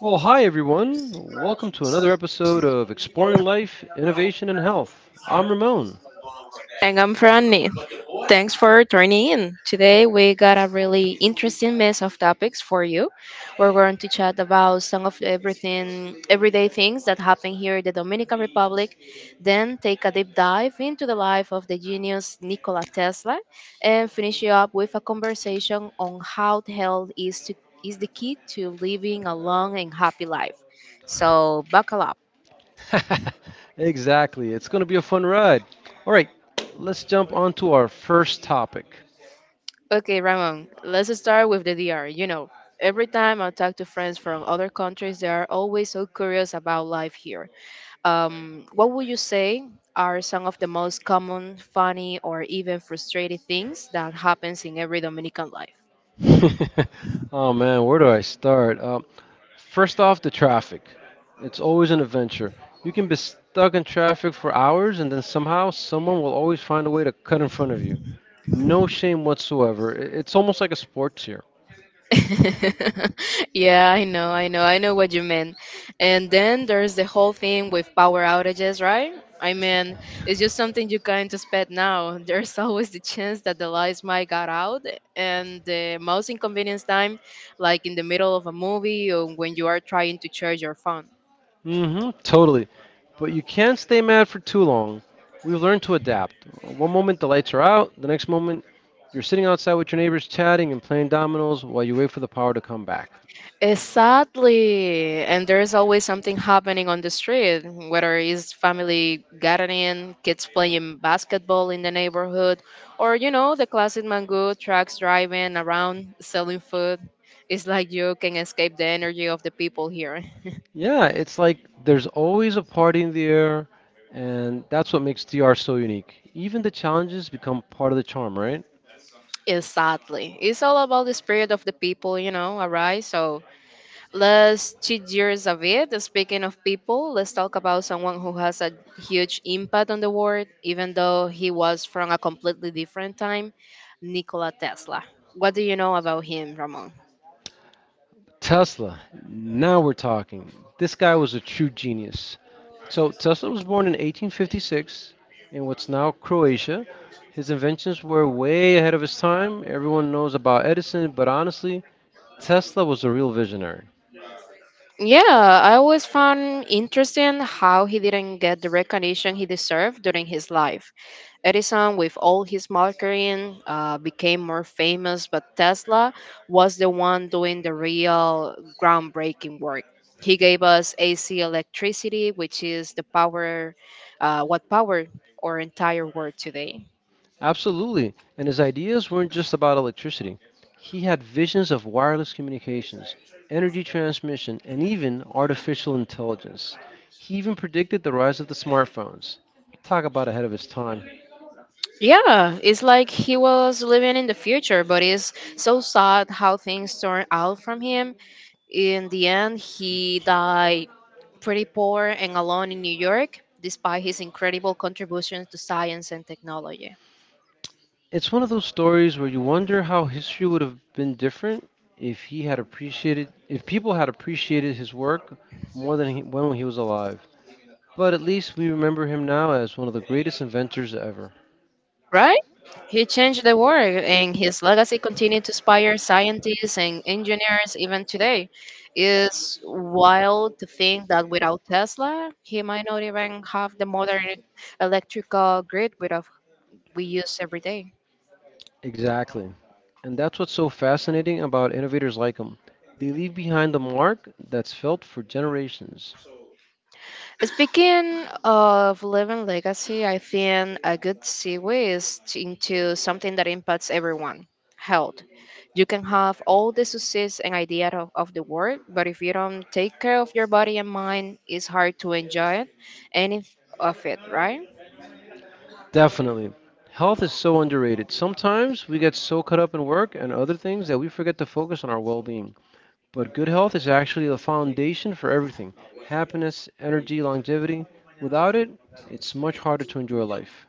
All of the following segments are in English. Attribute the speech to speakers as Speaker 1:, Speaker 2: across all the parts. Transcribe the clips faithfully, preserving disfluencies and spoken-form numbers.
Speaker 1: Well, hi everyone. Welcome to another episode of Exploring Life, Innovation, and Health. I'm Ramon.
Speaker 2: And I'm Franny. Thanks for tuning in. Today we got a really interesting mix of topics for you. We're going to chat about some of the everything everyday things that happen here in the Dominican Republic, then take a deep dive into the life of the genius Nikola Tesla, and finish it up with a conversation on how the hell is to is the key to living a long and happy life. So buckle up.
Speaker 1: Exactly. It's going to be a fun ride. All right, let's jump onto our first topic.
Speaker 2: Okay, Ramon, let's start with the D R. You know, every time I talk to friends from other countries, they are always so curious about life here. Um, what would you say are some of the most common, funny, or even frustrating things that happens in every Dominican life?
Speaker 1: Oh man, where do I start? Um, first off, the traffic. It's always an adventure. You can be stuck in traffic for hours, and then somehow someone will always find a way to cut in front of you. No shame whatsoever. I- It's almost like a sports here.
Speaker 2: Yeah, I know, I know, I know what you mean. And then there's the whole thing with power outages, right? I mean, it's just something you can't expect now. There's always the chance that the lights might got out, and the most inconvenience time, like in the middle of a movie or when you are trying to charge your phone.
Speaker 1: Mm-hmm. Totally. But you can't stay mad for too long. We've learned to adapt. One moment the lights are out, the next moment you're sitting outside with your neighbors chatting and playing dominoes while you wait for the power to come back.
Speaker 2: Exactly. And there's always something happening on the street, whether it's family gardening, kids playing basketball in the neighborhood, or, you know, the classic mango trucks driving around selling food. It's like you can escape the energy of the people here.
Speaker 1: Yeah, it's like there's always a party in the air, and that's what makes D R so unique. Even the challenges become part of the charm, right?
Speaker 2: Exactly. It's all about the spirit of the people, you know, alright? So let's cheat years of it. Speaking of people, let's talk about someone who has a huge impact on the world, even though he was from a completely different time, Nikola Tesla. What do you know about him, Ramon?
Speaker 1: Tesla, now we're talking. This guy was a true genius. So Tesla was born in eighteen fifty-six in what's now Croatia. His inventions were way ahead of his time. Everyone knows about Edison, but honestly, Tesla was a real visionary.
Speaker 2: Yeah, I always found interesting how he didn't get the recognition he deserved during his life. Edison, with all his marketing, uh, became more famous, but Tesla was the one doing the real groundbreaking work. He gave us A C electricity, which is the power, uh, what powered our entire world today.
Speaker 1: Absolutely. And his ideas weren't just about electricity. He had visions of wireless communications, energy transmission, and even artificial intelligence. He even predicted the rise of the smartphones. Talk about ahead of his time.
Speaker 2: Yeah, it's like he was living in the future, but it's so sad how things turned out from him. In the end, he died pretty poor and alone in New York, despite his incredible contributions to science and technology.
Speaker 1: It's one of those stories where you wonder how history would have been different if he had appreciated if people had appreciated his work more than he, when he was alive. But at least we remember him now as one of the greatest inventors ever.
Speaker 2: Right? He changed the world, and his legacy continues to inspire scientists and engineers even today. It's wild to think that without Tesla, he might not even have the modern electrical grid without we use every day.
Speaker 1: Exactly. And that's what's so fascinating about innovators like him. They leave behind a mark that's felt for generations.
Speaker 2: Speaking of living legacy, I think a good segue is t- into something that impacts everyone, health. You can have all the success and idea of, of the world, but if you don't take care of your body and mind, it's hard to enjoy it, any of it, right?
Speaker 1: Definitely. Health is so underrated. Sometimes we get so caught up in work and other things that we forget to focus on our well being. But good health is actually the foundation for everything: happiness, energy, longevity. Without it, it's much harder to enjoy life.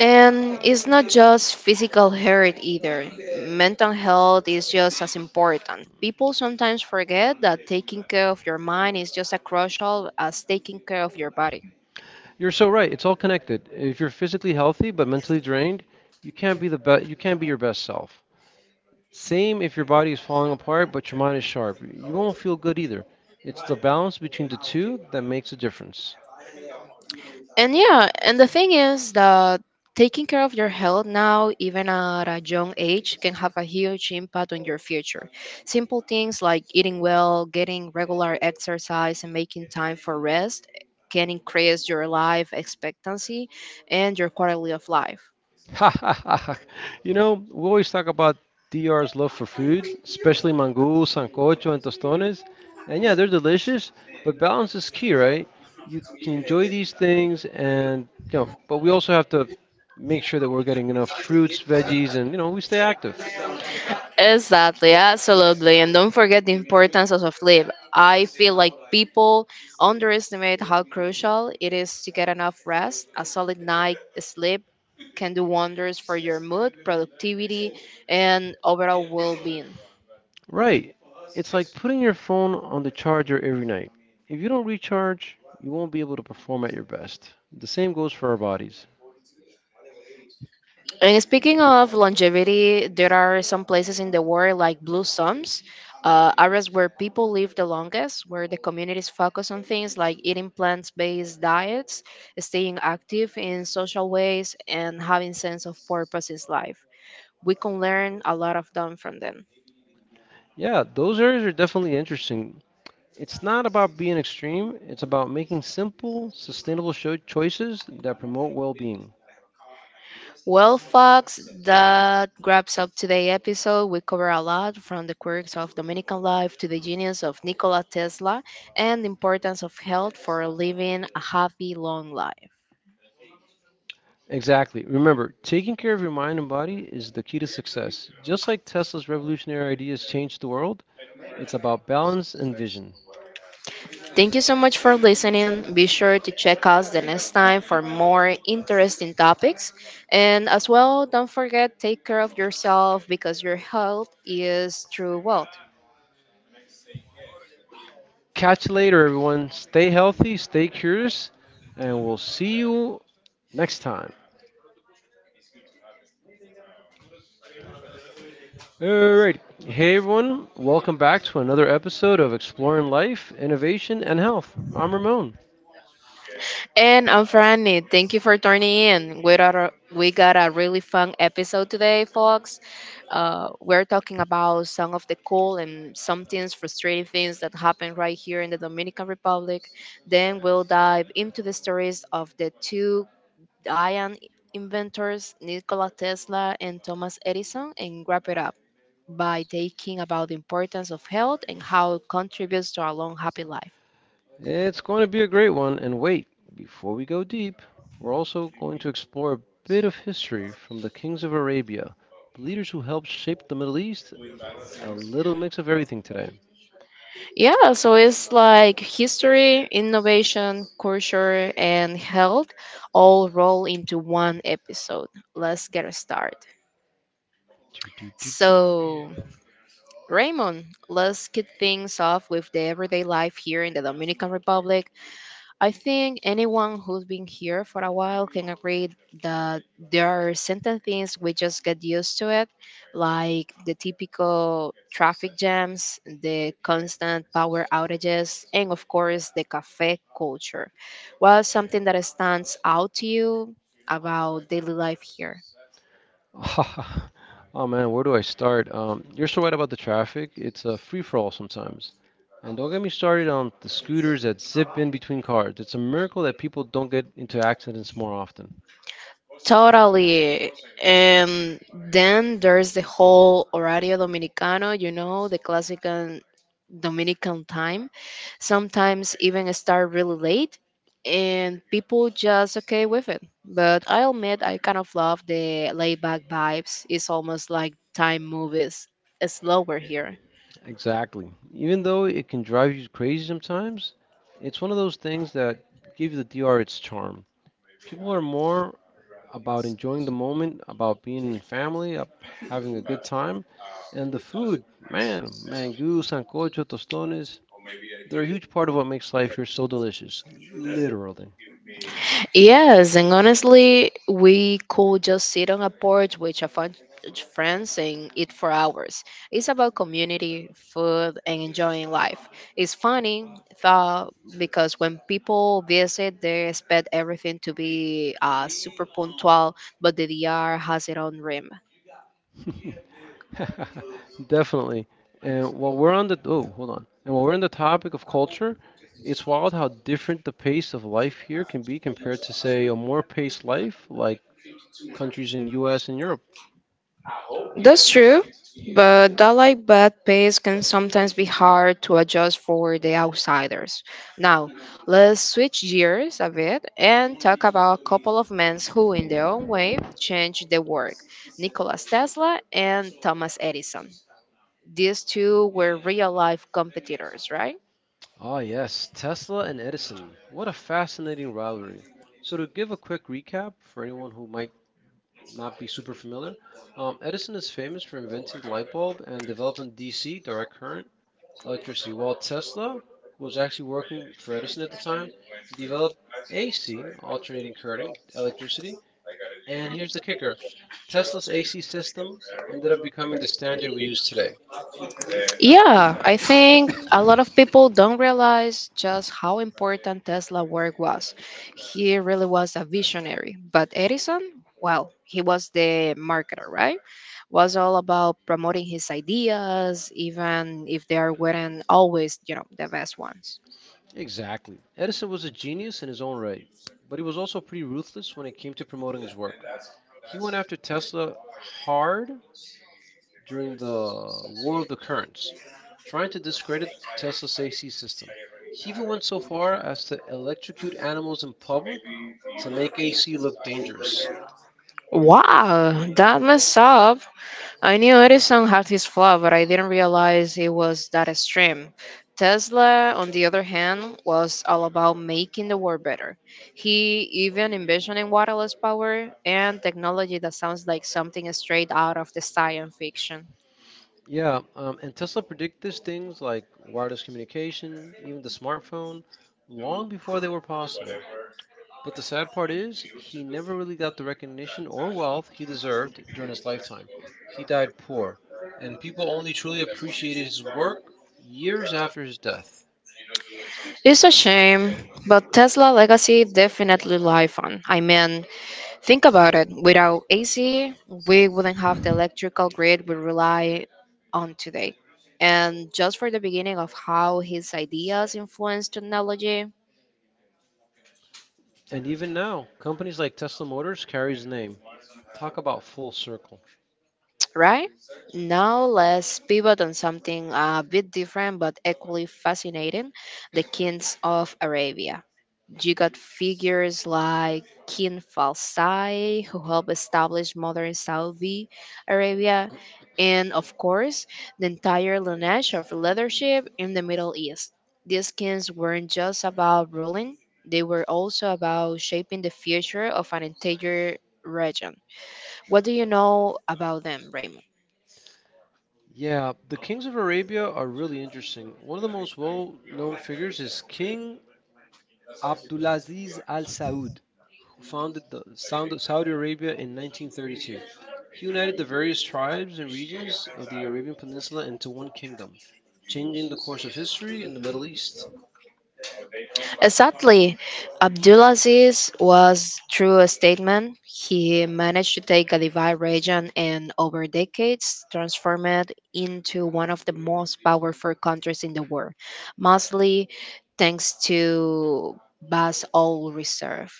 Speaker 2: And it's not just physical health either. Mental health is just as important. People sometimes forget that taking care of your mind is just as crucial as taking care of your body.
Speaker 1: You're so right. It's all connected. If you're physically healthy but mentally drained, you can't be the best. You can't be your best self. Same if your body is falling apart but your mind is sharp. You won't feel good either. It's the balance between the two that makes a difference.
Speaker 2: And yeah, and the thing is that taking care of your health now, even at a young age, can have a huge impact on your future. Simple things like eating well, getting regular exercise, and making time for rest can increase your life expectancy and your quality of life.
Speaker 1: Ha ha ha ha. You know, we always talk about D R's love for food, especially mangú, sancocho, and tostones. And yeah, they're delicious, but balance is key, right? You can enjoy these things and, you know, but we also have to make sure that we're getting enough fruits, veggies, and, you know, we stay active.
Speaker 2: Exactly, absolutely. And don't forget the importance of sleep. I feel like people underestimate how crucial it is to get enough rest. A solid night sleep can do wonders for your mood, productivity, and overall well being.
Speaker 1: Right. It's like putting your phone on the charger every night. If you don't recharge, you won't be able to perform at your best. The same goes for our bodies.
Speaker 2: And speaking of longevity, there are some places in the world like blue zones, uh, areas where people live the longest, where the communities focus on things like eating plant-based diets, staying active in social ways, and having sense of purpose in life. We can learn a lot of them from them.
Speaker 1: Yeah, those areas are definitely interesting. It's not about being extreme, it's about making simple, sustainable cho- choices that promote well being.
Speaker 2: Well, folks, that wraps up today's episode. We cover a lot, from the quirks of Dominican life to the genius of Nikola Tesla and the importance of health for living a happy, long life.
Speaker 1: Exactly. Remember, taking care of your mind and body is the key to success. Just like Tesla's revolutionary ideas changed the world, it's about balance and vision.
Speaker 2: Thank you so much for listening. Be sure to check us the next time for more interesting topics. And as well, don't forget, take care of yourself because your health is true wealth.
Speaker 1: Catch you later, everyone. Stay healthy, stay curious, and we'll see you next time. Alright. Hey, everyone. Welcome back to another episode of Exploring Life, Innovation, and Health. I'm Ramon.
Speaker 2: And I'm Franny. Thank you for turning in. We got a, we got a really fun episode today, folks. Uh, we're talking about some of the cool and sometimes frustrating things that happen right here in the Dominican Republic. Then we'll dive into the stories of the two ion inventors, Nikola Tesla and Thomas Edison, and wrap it up by taking about the importance of health and how it contributes to our long, happy life.
Speaker 1: It's going to be a great one. And wait, before we go deep, we're also going to explore a bit of history from the kings of Arabia, the leaders who helped shape the Middle East. A little mix of everything today.
Speaker 2: Yeah, so it's like history, innovation, culture, and health all roll into one episode. Let's get started.
Speaker 1: Do, do, do, do, do.
Speaker 2: So, Raymond, let's kick things off with the everyday life here in the Dominican Republic. I think anyone who's been here for a while can agree that there are certain things we just get used to it, like the typical traffic jams, the constant power outages, and of course the cafe culture. What's something that stands out to you about daily life here?
Speaker 1: Oh man, where do I start? Um, you're so right about the traffic. It's a free for all sometimes. And don't get me started on the scooters that zip in between cars. It's a miracle that people don't get into accidents more often.
Speaker 2: Totally. And then there's the whole horario dominicano, you know, the classic Dominican time. Sometimes even start really late and people just okay with it. But I'll admit I kind of love the laid back vibes. It's almost like time movies slower here.
Speaker 1: Exactly. Even though it can drive you crazy sometimes, it's one of those things that give the D R its charm. People are more about enjoying the moment, about being in family, up having a good time, and the food, man, mangú, sancocho, tostones, they're a huge part of what makes life here so delicious, literally.
Speaker 2: Yes, and honestly, we could just sit on a porch with a fun friends and eat for hours. It's about community, food, and enjoying life. It's funny though, because when people visit, they expect everything to be uh, super punctual, but the D R has its own rim.
Speaker 1: Definitely. And while we're on the oh, hold on. And while we're on the topic of culture, it's wild how different the pace of life here can be compared to, say, a more paced life like countries in U S and Europe.
Speaker 2: That's true, but that like bad pace can sometimes be hard to adjust for the outsiders. Now, let's switch gears a bit and talk about a couple of men who, in their own way, changed the world, Nikola Tesla and Thomas Edison. These two were real life competitors, right?
Speaker 1: Ah, yes, Tesla and Edison. What a fascinating rivalry. So to give a quick recap for anyone who might not be super familiar, um, Edison is famous for inventing the light bulb and developing D C, direct current, electricity, while Tesla, who was actually working for Edison at the time, developed A C, alternating current electricity. And here's the kicker: Tesla's A C system ended up becoming the standard we use today.
Speaker 2: Yeah, I think a lot of people don't realize just how important Tesla work was. He really was a visionary, but Edison, well, he was the marketer, right? Was all about promoting his ideas, even if they weren't always, you know, the best ones.
Speaker 1: Exactly. Edison was a genius in his own right, but he was also pretty ruthless when it came to promoting his work. He went after Tesla hard during the War of the Currents, trying to discredit Tesla's A C system. He even went so far as to electrocute animals in public to make A C look dangerous.
Speaker 2: Wow, that messed up. I knew Edison had his flaw, but I didn't realize it was that extreme. Tesla, on the other hand, was all about making the world better. He even envisioned wireless power and technology that sounds like something straight out of the science fiction.
Speaker 1: Yeah, um, and Tesla predicted things like wireless communication, even the smartphone, long before they were possible. But the sad part is, he never really got the recognition or wealth he deserved during his lifetime. He died poor, and people only truly appreciated his work years after his death.
Speaker 2: It's a shame, but Tesla legacy definitely live on. I mean, think about it. Without A C, we wouldn't have the electrical grid we rely on today. And just for the beginning of how his ideas influenced technology,
Speaker 1: And even now, companies like Tesla Motors carry his name. Talk about full circle.
Speaker 2: right? Now let's pivot on something a bit different but equally fascinating, the kings of Arabia. You got figures like King Falsai, who helped establish modern Saudi Arabia, and of course, the entire lineage of leadership in the Middle East. These kings weren't just about ruling, they were also about shaping the future of an entire region. What do you know about them, Raymond?
Speaker 1: Yeah, the kings of Arabia are really interesting. One of the most well-known figures is King Abdulaziz Al Saud, who founded the sound Saudi Arabia in nineteen thirty-two. He united the various tribes and regions of the Arabian Peninsula into one kingdom, changing the course of history in the Middle East.
Speaker 2: Sadly, Abdulaziz was, through a statement, he managed to take a divided region and, over decades, transform it into one of the most powerful countries in the world, mostly thanks to Bass oil reserve.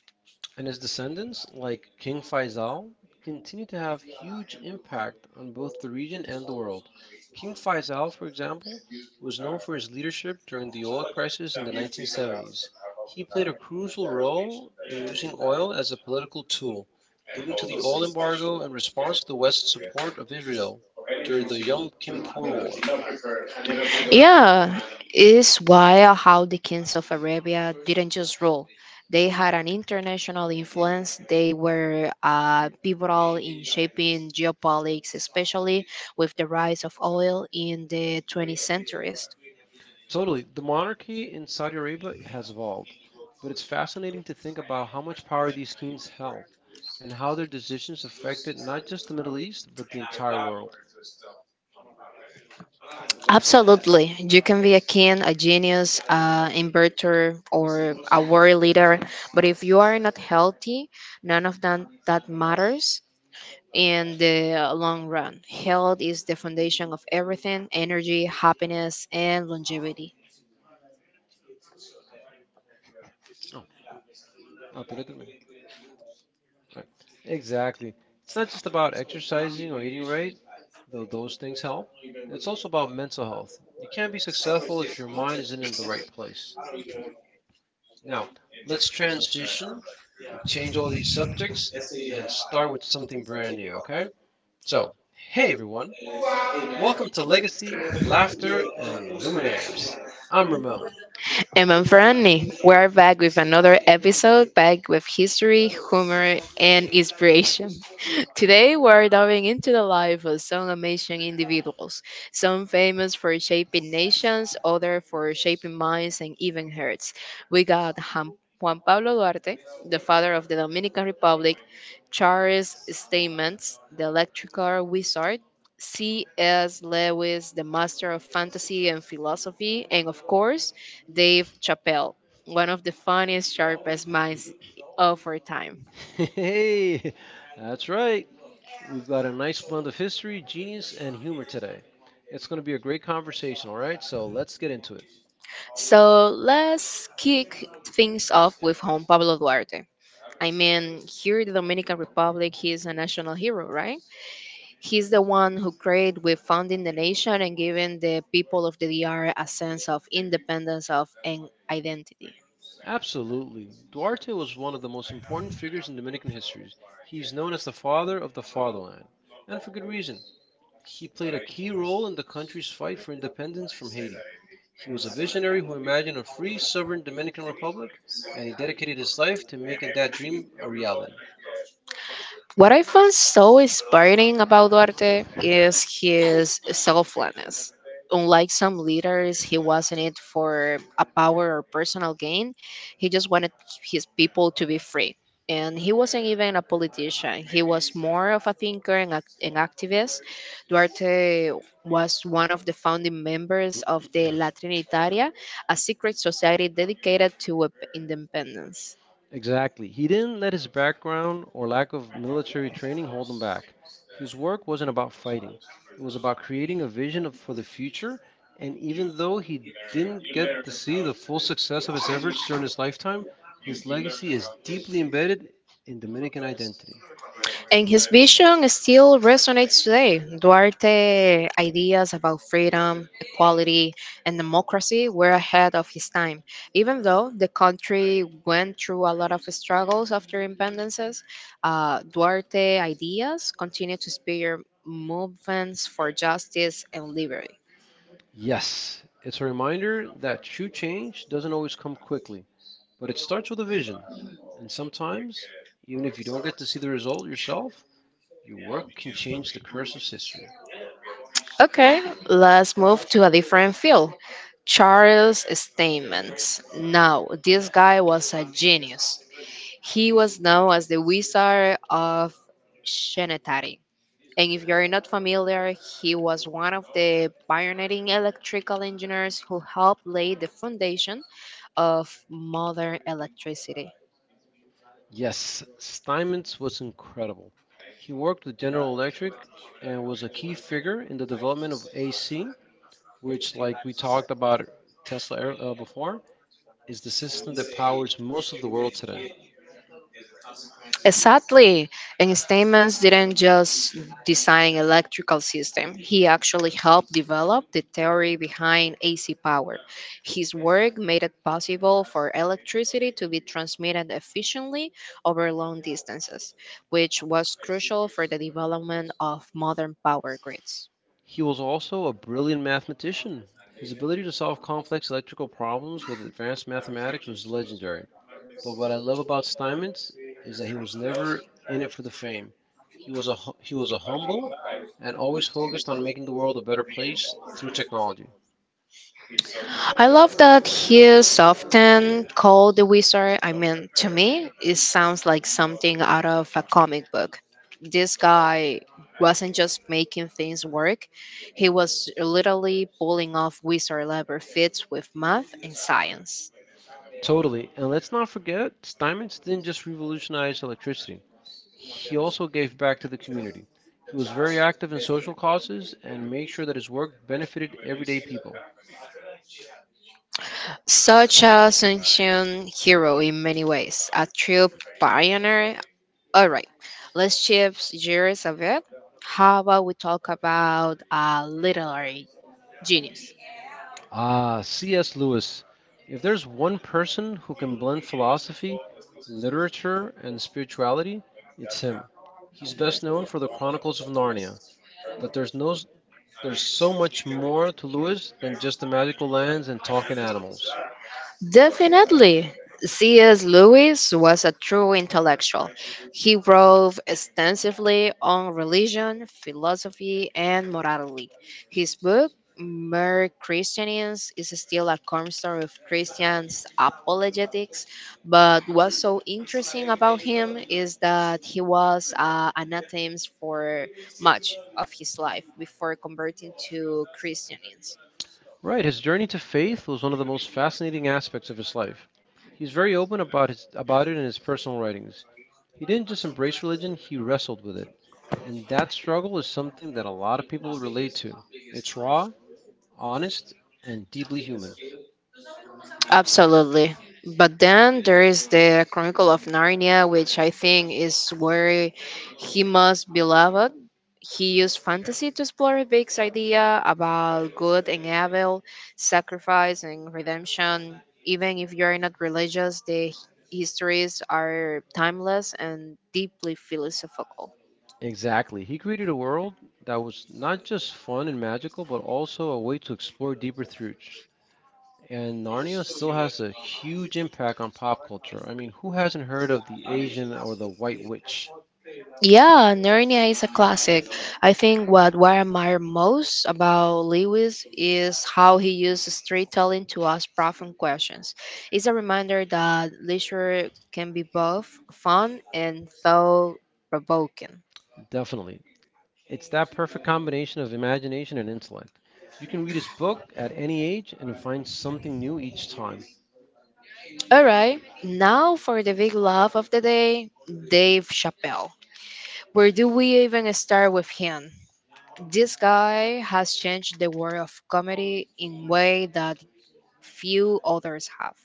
Speaker 1: And his descendants, like King Faisal, continue to have huge impact on both the region and the world. King Faisal, for example, was known for his leadership during the oil crisis in the nineteen seventies. He played a crucial role in using oil as a political tool, leading to the oil embargo in response to the West's support of Israel during the Yom Kippur War.
Speaker 2: Yeah, it's why how the kings of Arabia didn't just rule. They had an international influence. They were uh, pivotal in shaping geopolitics, especially with the rise of oil in the twentieth centuries.
Speaker 1: Totally. The monarchy in Saudi Arabia has evolved, but it's fascinating to think about how much power these kings held, and how their decisions affected not just the Middle East, but the entire world.
Speaker 2: Absolutely. You can be a king, a genius, an inverter, or a world leader, but if you are not healthy, none of that, that matters in the long run. Health is the foundation of everything, energy, happiness, and longevity.
Speaker 1: Oh, autoritarism. Right. Exactly. It's not just about exercising or eating right, though those things help. It's also about mental health. You can't be successful if your mind isn't in the right place. Now, let's transition and change all these subjects and start with something brand new, okay? So, hey everyone, welcome to Legacy, Laughter, and Luminaires. I'm Ramon.
Speaker 2: Emma. And I'm Franny. We're back with another episode, back with history, humor, and inspiration. Today, we're diving into the life of some amazing individuals, some famous for shaping nations, others for shaping minds and even hearts. We got Ham- Juan Pablo Duarte, the father of the Dominican Republic, Charles Stamens, the electrical wizard, C S. Lewis, the master of fantasy and philosophy, and of course, Dave Chappelle, one of the funniest, sharpest minds of our time.
Speaker 1: Hey, that's right. We've got a nice blend of history, genius, and humor today. It's going to be a great conversation, all right? So let's get into it.
Speaker 2: So let's kick things off with Juan Pablo Duarte. I mean, here in the Dominican Republic, he is a national hero, right? He's the one who created with founding the nation and giving the people of the D R a sense of independence of and identity.
Speaker 1: Absolutely. Duarte was one of the most important figures in Dominican history. He's known as the father of the fatherland, and for good reason. He played a key role in the country's fight for independence from Haiti. He was a visionary who imagined a free, sovereign Dominican Republic, and he dedicated his life to making that dream a reality.
Speaker 2: What I found so inspiring about Duarte is his selflessness. Unlike some leaders, he wasn't it for a power or personal gain. He just wanted his people to be free. And he wasn't even a politician. He was more of a thinker and ac- an activist. Duarte was one of the founding members of the La Trinitaria, a secret society dedicated to independence.
Speaker 1: Exactly. He didn't let his background or lack of military training hold him back. His work wasn't about fighting, it was about creating a vision of, for the future. And even though he didn't get to see the full success of his efforts during his lifetime, his legacy is deeply embedded in Dominican identity.
Speaker 2: And his vision still resonates today. Duarte ideas about freedom, equality, and democracy were ahead of his time. Even though the country went through a lot of struggles after independences, uh, Duarte ideas continue to spear movements for justice and liberty.
Speaker 1: Yes, it's a reminder that true change doesn't always come quickly, but it starts with a vision. And sometimes, even if you don't get to see the result yourself, your work can change the course of history.
Speaker 2: Okay, let's move to a different field. Charles Steinmetz. Now, this guy was a genius. He was known as the Wizard of Schenectady. And if you're not familiar, he was one of the pioneering electrical engineers who helped lay the foundation of modern electricity.
Speaker 1: Yes, Steinmetz was incredible. He worked with General Electric and was a key figure in the development of A C, which, like we talked about Tesla ear- uh, before, is the system that powers most of the world today.
Speaker 2: Exactly. And Steinman didn't just design electrical system. He actually helped develop the theory behind A C power. His work made it possible for electricity to be transmitted efficiently over long distances, which was crucial for the development of modern power grids.
Speaker 1: He was also a brilliant mathematician. His ability to solve complex electrical problems with advanced mathematics was legendary. But what I love about Steinmetz is that he was never in it for the fame. He was a hu- he was a humble and always focused on making the world a better place through technology.
Speaker 2: I love that he's often called the wizard. I mean, to me, it sounds like something out of a comic book. This guy wasn't just making things work, he was literally pulling off wizard level feats with math and science.
Speaker 1: Totally. And let's not forget, Steinmetz didn't just revolutionize electricity. He also gave back to the community. He was very active in social causes and made sure that his work benefited everyday people.
Speaker 2: Such a ancient hero in many ways, a true pioneer. All right, let's shift gears a bit. How about we talk about a literary genius?
Speaker 1: Ah, C S. Lewis. If there's one person who can blend philosophy, literature, and spirituality, it's him. He's best known for the Chronicles of Narnia, but there's no there's so much more to Lewis than just the magical lands and talking animals.
Speaker 2: Definitely. C S. Lewis was a true intellectual. He wrote extensively on religion, philosophy, and morality. His book, Mere Christians, is still a cornerstone of Christian apologetics. But what's so interesting about him is that he was uh, anathems for much of his life before converting to Christianism.
Speaker 1: Right, his journey to faith was one of the most fascinating aspects of his life. He's very open about his about it in his personal writings. He didn't just embrace religion, he wrestled with it. And that struggle is something that a lot of people relate to. It's raw, honest, and deeply human.
Speaker 2: Absolutely. But then there is the Chronicle of Narnia, which I think is where he most beloved. He used fantasy to explore Big's idea about good and evil, sacrifice and redemption. Even if you are not religious, the h- histories are timeless and deeply philosophical.
Speaker 1: Exactly. He created a world that was not just fun and magical, but also a way to explore deeper truths. And Narnia still has a huge impact on pop culture. I mean, who hasn't heard of the Asian or the White Witch?
Speaker 2: Yeah, Narnia is a classic. I think what, what I admire most about Lewis is how he uses storytelling to ask profound questions. It's a reminder that literature can be both fun and thought provoking.
Speaker 1: Definitely. It's that perfect combination of imagination and intellect. You can read his book at any age and find something new each time.
Speaker 2: All right, now for the big love of the day Dave Chappelle. Where do we even start with him? This guy has changed the world of comedy in way that few others have.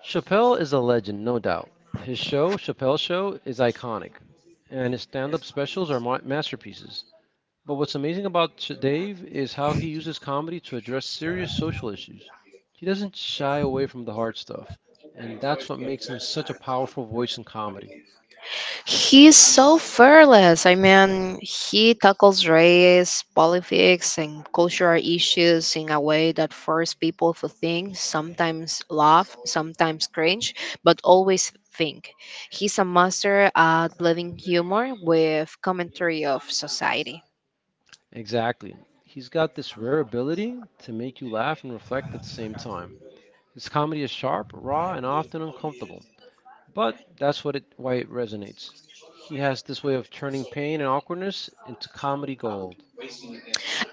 Speaker 1: Chappelle is a legend, no doubt. His show, Chappelle Show, is iconic, and his stand up specials are ma- masterpieces. But what's amazing about Ch- Dave is how he uses comedy to address serious social issues. He doesn't shy away from the hard stuff, and that's what makes him such a powerful voice in comedy.
Speaker 2: He's so fearless. I mean, he tackles race, politics, and cultural issues in a way that forces people to think, sometimes laugh, sometimes cringe, but always think. He's a master at blending humor with commentary of society.
Speaker 1: Exactly. He's got this rare ability to make you laugh and reflect at the same time. His comedy is sharp, raw, and often uncomfortable, but that's what it, why it resonates. He has this way of turning pain and awkwardness into comedy gold.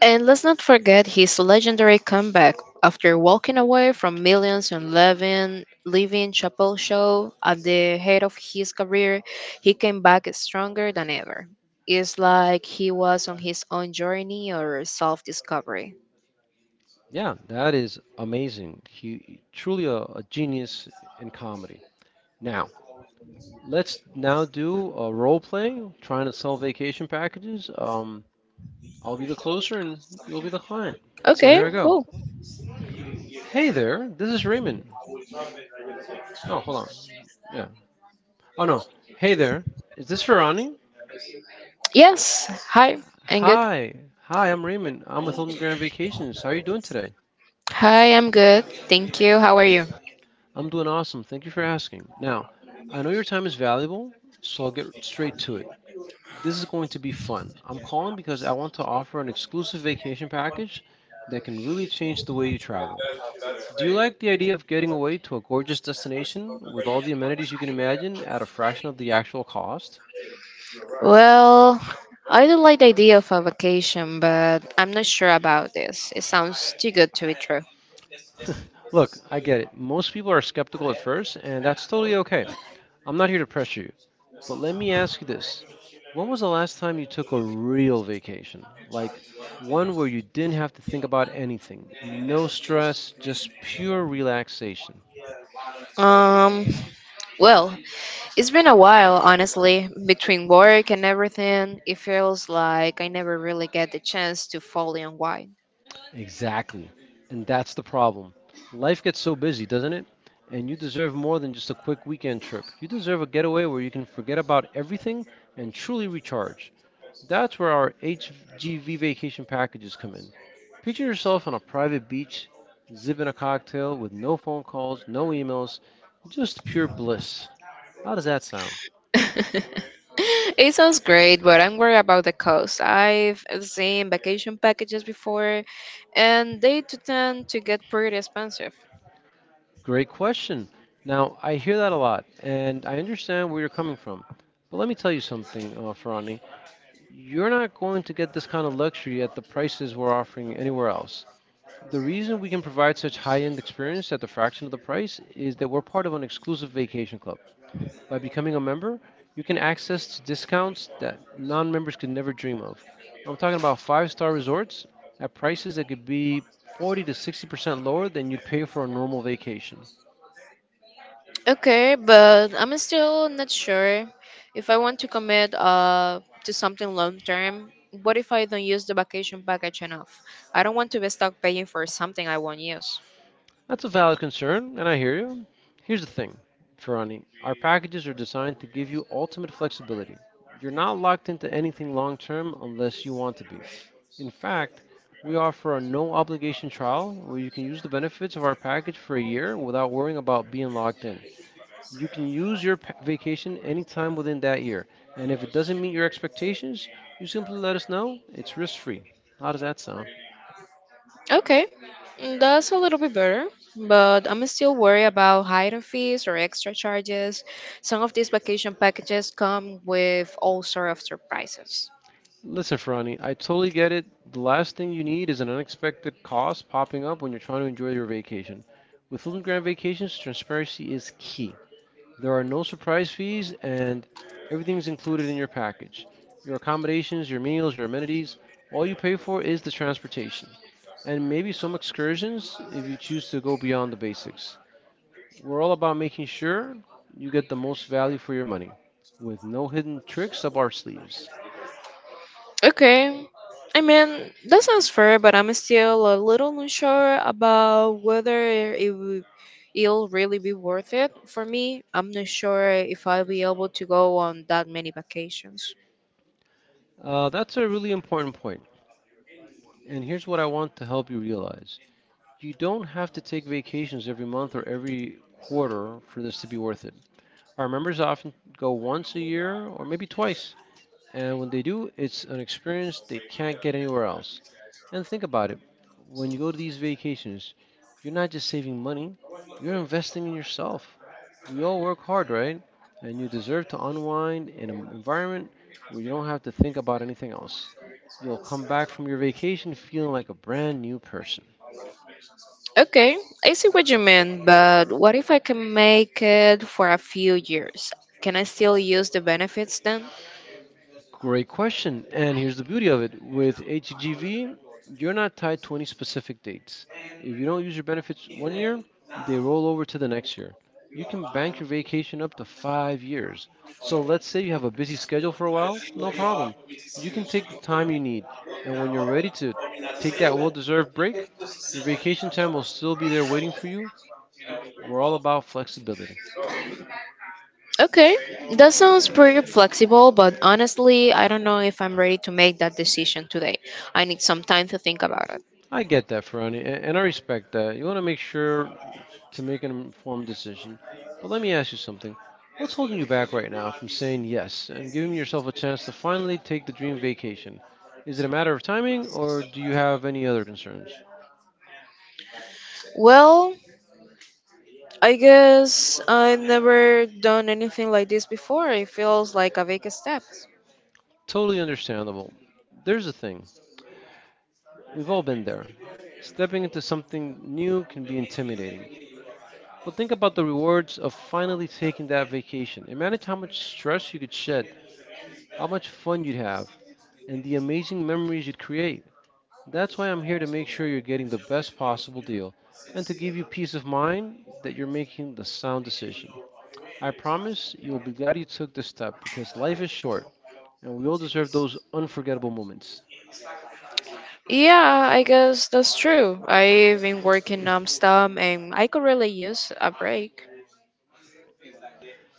Speaker 2: And let's not forget his legendary comeback after walking away from millions and leaving, leaving Chappelle Show at the head of his career. He came back stronger than ever. It's like he was on his own journey or self discovery.
Speaker 1: Yeah, that is amazing. He truly a, a genius in comedy. Now, let's now do a role play, trying to sell vacation packages. Um, I'll be the closer and you'll be the client. So
Speaker 2: Okay,
Speaker 1: here I go.
Speaker 2: cool.
Speaker 1: Hey there, this is Raymond. Oh, hold on. Yeah. Oh no. Hey there, is this Ferrani?
Speaker 2: Yes, hi, I'm good.
Speaker 1: Hi. Hi, I'm Raymond. I'm with Hilton Grand Vacations. How are you doing today?
Speaker 2: Hi, I'm good. Thank you. How are you?
Speaker 1: I'm doing awesome. Thank you for asking. Now, I know your time is valuable, so I'll get straight to it. This is going to be fun. I'm calling because I want to offer an exclusive vacation package that can really change the way you travel. Do you like the idea of getting away to a gorgeous destination with all the amenities you can imagine at a fraction of the actual cost?
Speaker 2: Well, I do like the idea of a vacation, but I'm not sure about this. It sounds too good to be true.
Speaker 1: Look, I get it. Most people are skeptical at first, and that's totally okay. I'm not here to pressure you. But let me ask you this. When was the last time you took a real vacation? Like one where you didn't have to think about anything, no stress, just pure relaxation.
Speaker 2: Um, well, it's been a while, honestly. Between work and everything, it feels like I never really get the chance to fully unwind.
Speaker 1: Exactly. And that's the problem. Life gets so busy, doesn't it? And you deserve more than just a quick weekend trip. You deserve a getaway where you can forget about everything and truly recharge. That's where our H G V vacation packages come in. Picture yourself on a private beach, zipping a cocktail with no phone calls, no emails, just pure bliss. How does that sound?
Speaker 2: It sounds great, but I'm worried about the cost. I've seen vacation packages before, and they tend to get pretty expensive.
Speaker 1: Great question. Now, I hear that a lot, and I understand where you're coming from. But let me tell you something, uh, Ferrani. You're not going to get this kind of luxury at the prices we're offering anywhere else. The reason we can provide such high end experience at the fraction of the price is that we're part of an exclusive vacation club. By becoming a member, you can access discounts that non members could never dream of. I'm talking about five star resorts at prices that could be forty to sixty percent lower than you'd pay for a normal vacation.
Speaker 2: Okay, but I'm still not sure if I want to commit uh to something long term. What if I don't use the vacation package enough? I don't want to be stuck paying for something I won't use.
Speaker 1: That's a valid concern, and I hear you. Here's the thing, Ferrani. Our packages are designed to give you ultimate flexibility. You're not locked into anything long term unless you want to be. In fact, we offer a no obligation trial where you can use the benefits of our package for a year without worrying about being locked in. You can use your pa- vacation anytime within that year, and if it doesn't meet your expectations, you simply let us know. It's risk free. How does that sound?
Speaker 2: Okay, mm, that's a little bit better, but I'm still worried about hidden fees or extra charges. Some of these vacation packages come with all sort of surprises.
Speaker 1: Listen, Ferrani, I totally get it. The last thing you need is an unexpected cost popping up when you're trying to enjoy your vacation. With Hilton Grand Vacations, transparency is key. There are no surprise fees, and everything's included in your package. Your accommodations, your meals, your amenities, all you pay for is the transportation. And maybe some excursions if you choose to go beyond the basics. We're all about making sure you get the most value for your money, with no hidden tricks up our sleeves.
Speaker 2: Okay. I mean, that sounds fair, but I'm still a little unsure about whether it will it'll really be worth it for me. I'm not sure if I'll be able to go on that many vacations.
Speaker 1: Uh, that's a really important point. And here's what I want to help you realize. You don't have to take vacations every month or every quarter for this to be worth it. Our members often go once a year or maybe twice, and when they do, it's an experience they can't get anywhere else. And think about it. When you go to these vacations, you're not just saving money, you're investing in yourself. We all work hard, right? And you deserve to unwind in an environment where you don't have to think about anything else. You'll come back from your vacation feeling like a brand new person.
Speaker 2: Okay, I see what you mean, but what if I can make it for a few years? Can I still use the benefits then?
Speaker 1: Great question. And here's the beauty of it. With H G V, you're not tied to any specific dates. If you don't use your benefits one year, they roll over to the next year. You can bank your vacation up to five years. So let's say you have a busy schedule for a while, no problem. You can take the time you need. And when you're ready to take that well deserved break, your vacation time will still be there waiting for you. We're all about flexibility.
Speaker 2: Okay, that sounds pretty flexible, but honestly, I don't know if I'm ready to make that decision today. I need some time to think about it.
Speaker 1: I get that, Ferrani, a- and I respect that. You want to make sure to make an informed decision. But let me ask you something. What's holding you back right now from saying yes and giving yourself a chance to finally take the dream vacation? Is it a matter of timing or do you have any other concerns?
Speaker 2: Well, I guess I've never done anything like this before. It feels like a big step.
Speaker 1: Totally understandable. There's the thing. We've all been there. Stepping into something new can be intimidating. But think about the rewards of finally taking that vacation. Imagine how much stress you could shed, how much fun you'd have, and the amazing memories you'd create. That's why I'm here to make sure you're getting the best possible deal and to give you peace of mind that you're making the sound decision. I promise you'll be glad you took this step because life is short and we all deserve those unforgettable moments.
Speaker 2: Yeah, I guess that's true. I've been working nonstop and I could really use a break.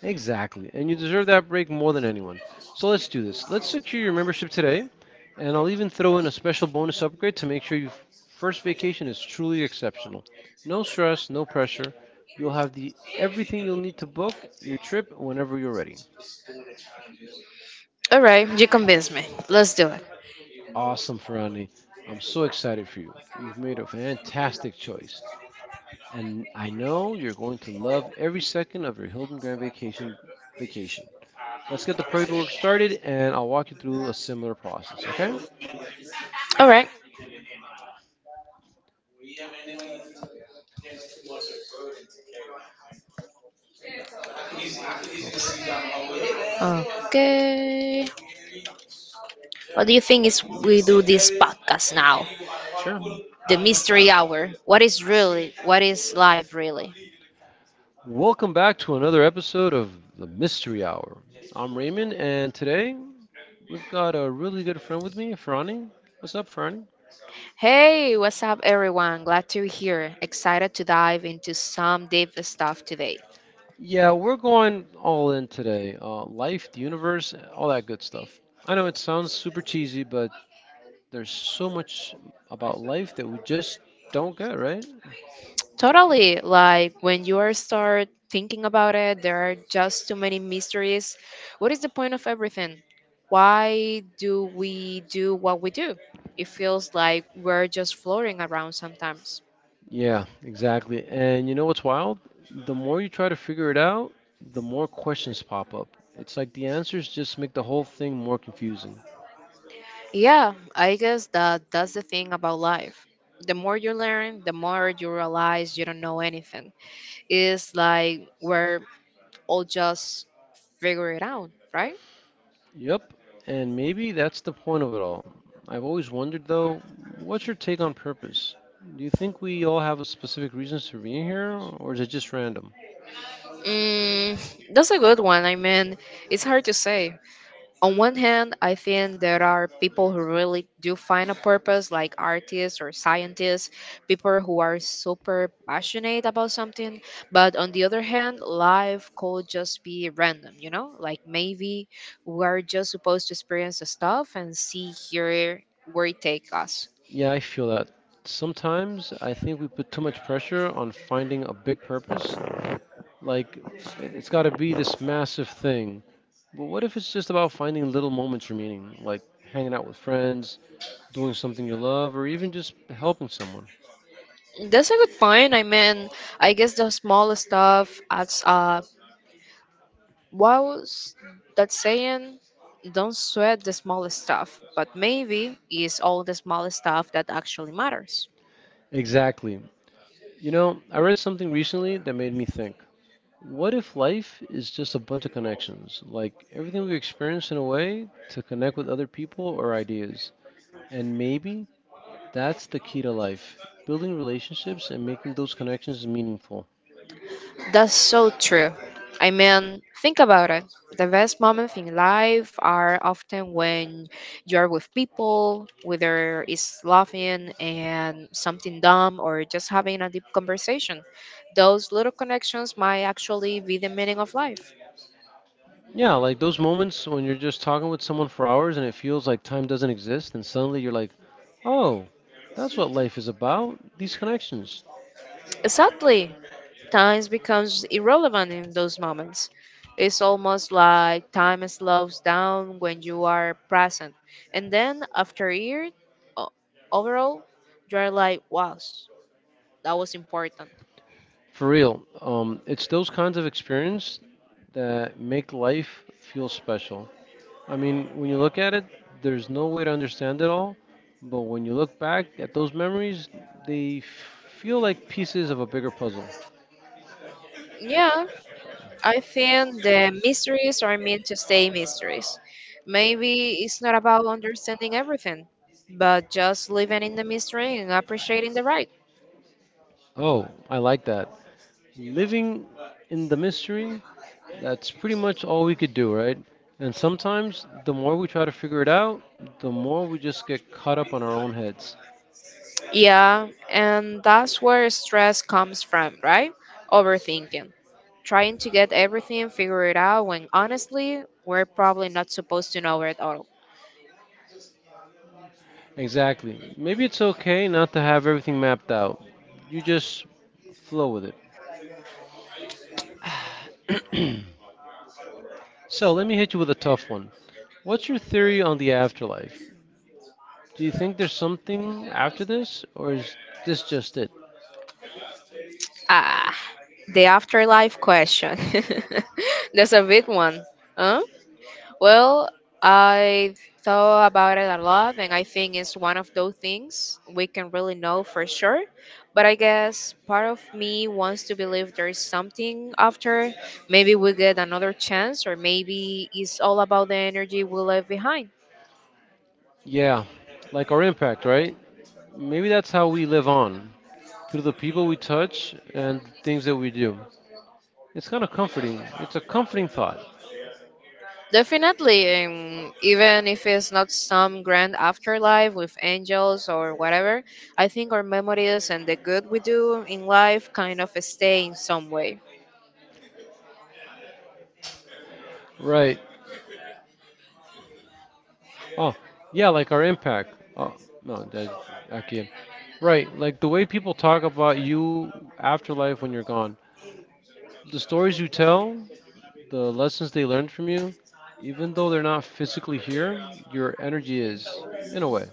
Speaker 1: Exactly, and you deserve that break more than anyone. So let's do this. Let's secure your membership today, and I'll even throw in a special bonus upgrade to make sure your first vacation is truly exceptional. No stress, no pressure. You'll have the everything you'll need to book your trip whenever you're ready.
Speaker 2: Alright, you convinced me. Let's do it.
Speaker 1: Awesome, Ferrani. I'm so excited for you. You've made a fantastic choice, and I know you're going to love every second of your Hilton Grand Vacation vacation. Let's get the paperwork started, and I'll walk you through a similar process, okay?
Speaker 2: All right.
Speaker 1: Okay.
Speaker 2: Okay. What do you think is we do this podcast now?
Speaker 1: Sure.
Speaker 2: The mystery hour. What is really? What is life really?
Speaker 1: Welcome back to another episode of the Mystery Hour. I'm Raymond, and today we've got a really good friend with me, Ferrani. What's up, Ferrani?
Speaker 2: Hey, what's up, everyone? Glad to be here. Excited to dive into some deep stuff today.
Speaker 1: Yeah, we're going all in today. Uh, life, the universe, all that good stuff. I know it sounds super cheesy, but there's so much about life that we just don't get, right?
Speaker 2: Totally, like when you are start thinking about it, there are just too many mysteries. What is the point of everything? Why do we do what we do? It feels like we're just floating around sometimes.
Speaker 1: Yeah, exactly. And you know what's wild? The more you try to figure it out, the more questions pop up. It's like the answers just make the whole thing more confusing.
Speaker 2: Yeah, I guess that that's the thing about life. The more you learn, the more you realize you don't know anything. It's like we're all just figure it out, right?
Speaker 1: Yep, and maybe that's the point of it all. I've always wondered though, what's your take on purpose? Do you think we all have a specific reasons for being here, or is it just random?
Speaker 2: Mm, that's a good one. I mean, it's hard to say. On one hand, I think there are people who really do find a purpose, like artists or scientists, people who are super passionate about something. But on the other hand, life could just be random, you know? Like maybe we're just supposed to experience the stuff and see here where it takes us.
Speaker 1: Yeah, I feel that. Sometimes I think we put too much pressure on finding a big purpose. Like, i- it's gotta be this massive thing. But what if it's just about finding little moments of meaning, like hanging out with friends, doing something you love, or even just helping someone?
Speaker 2: That's a good point. I mean, I guess the smallest stuff adds up. What was that saying? Don't sweat the smallest stuff, but maybe it's all the smallest stuff that actually matters.
Speaker 1: Exactly. You know, I read something recently that made me think. What if life is just a bunch of connections? Like everything we experience in a way to connect with other people or ideas. And maybe that's the key to life, building relationships and making those connections meaningful.
Speaker 2: That's so true. I mean, think about it. The best moments in life are often when you are with people, whether it's laughing and something dumb or just having a deep conversation. Those little connections might actually be the meaning of life.
Speaker 1: Yeah, like those moments when you're just talking with someone for hours and it feels like time doesn't exist, and suddenly you're like, oh, that's what life is about, these connections.
Speaker 2: Exactly. Time becomes irrelevant in those moments. It's almost like time slows down when you are present. And then after a year, o- overall, you're like, wow, that was important.
Speaker 1: For real, um, it's those kinds of experience that make life feel special. I mean, when you look at it, there's no way to understand it all, but when you look back at those memories, they feel like pieces of a bigger puzzle.
Speaker 2: Yeah, I think the mysteries are meant to stay mysteries. Maybe it's not about understanding everything, but just living in the mystery and appreciating the ride.
Speaker 1: Oh, I like that. Living in the mystery, that's pretty much all we could do, right? And sometimes the more we try to figure it out, the more we just get caught up on our own heads.
Speaker 2: Yeah, and that's where stress comes from, right? Overthinking. Trying to get everything figured out when honestly, we're probably not supposed to know it all.
Speaker 1: Exactly. Maybe it's okay not to have everything mapped out. You just flow with it. So let me hit you with a tough one. What's your theory on the afterlife? Do you think there's something after this, or is this just it?
Speaker 2: Ah, the afterlife question. That's a big one. Huh? Well, I thought about it a lot, and I think it's one of those things we can really know for sure. But I guess part of me wants to believe there's something after. Maybe we get another chance, or maybe it's all about the energy we left behind.
Speaker 1: Yeah, like our impact, right? Maybe that's how we live on through the people we touch and things that we do. It's kind of comforting. It's a comforting thought,
Speaker 2: Definitely, um, even if it's not some grand afterlife with angels or whatever, I think our memories and the good we do in life kind of stay in some way.
Speaker 1: right? Oh, yeah, like our impact. Oh, no, that, I can't. Right, like the way people talk about you afterlife when you're gone, the stories you tell, the lessons they learned from you, even though they're not physically here, your energy is, in a way.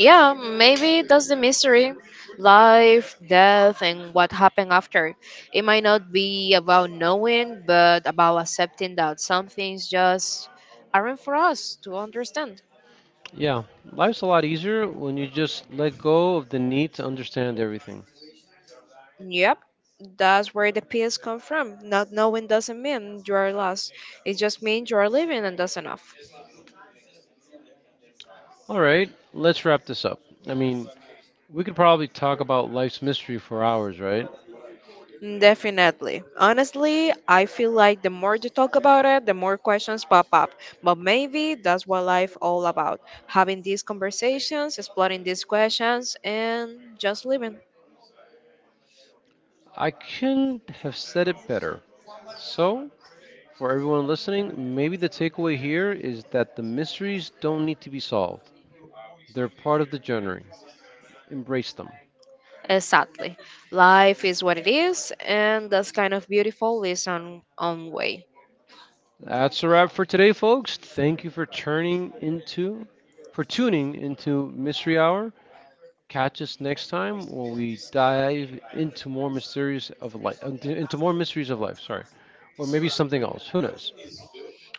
Speaker 2: Yeah, maybe that's the mystery. Life, death, and what happened after. It might not be about knowing, but about accepting that some things just aren't for us to understand.
Speaker 1: Yeah, life's a lot easier when you just let go of the need to understand everything.
Speaker 2: Yep, that's where the peace comes from. Not knowing doesn't mean you are lost, it just means you are living, and that's enough.
Speaker 1: All right, let's wrap this up. I mean, we could probably talk about life's mystery for hours, right?
Speaker 2: Definitely. Honestly, I feel like the more you talk about it, the more questions pop up. But maybe that's what life all about. Having these conversations, exploring these questions, and just living.
Speaker 1: I couldn't have said it better. So, for everyone listening, maybe the takeaway here is that the mysteries don't need to be solved, they're part of the journey. Embrace them.
Speaker 2: Exactly. Life is what it is, and that's kind of beautiful is on own way.
Speaker 1: That's a wrap for today, folks. Thank you for turning into, for tuning into Mystery Hour. Catch us next time when we dive into more mysteries of life, into more mysteries of life. Sorry, or maybe something else. Who knows?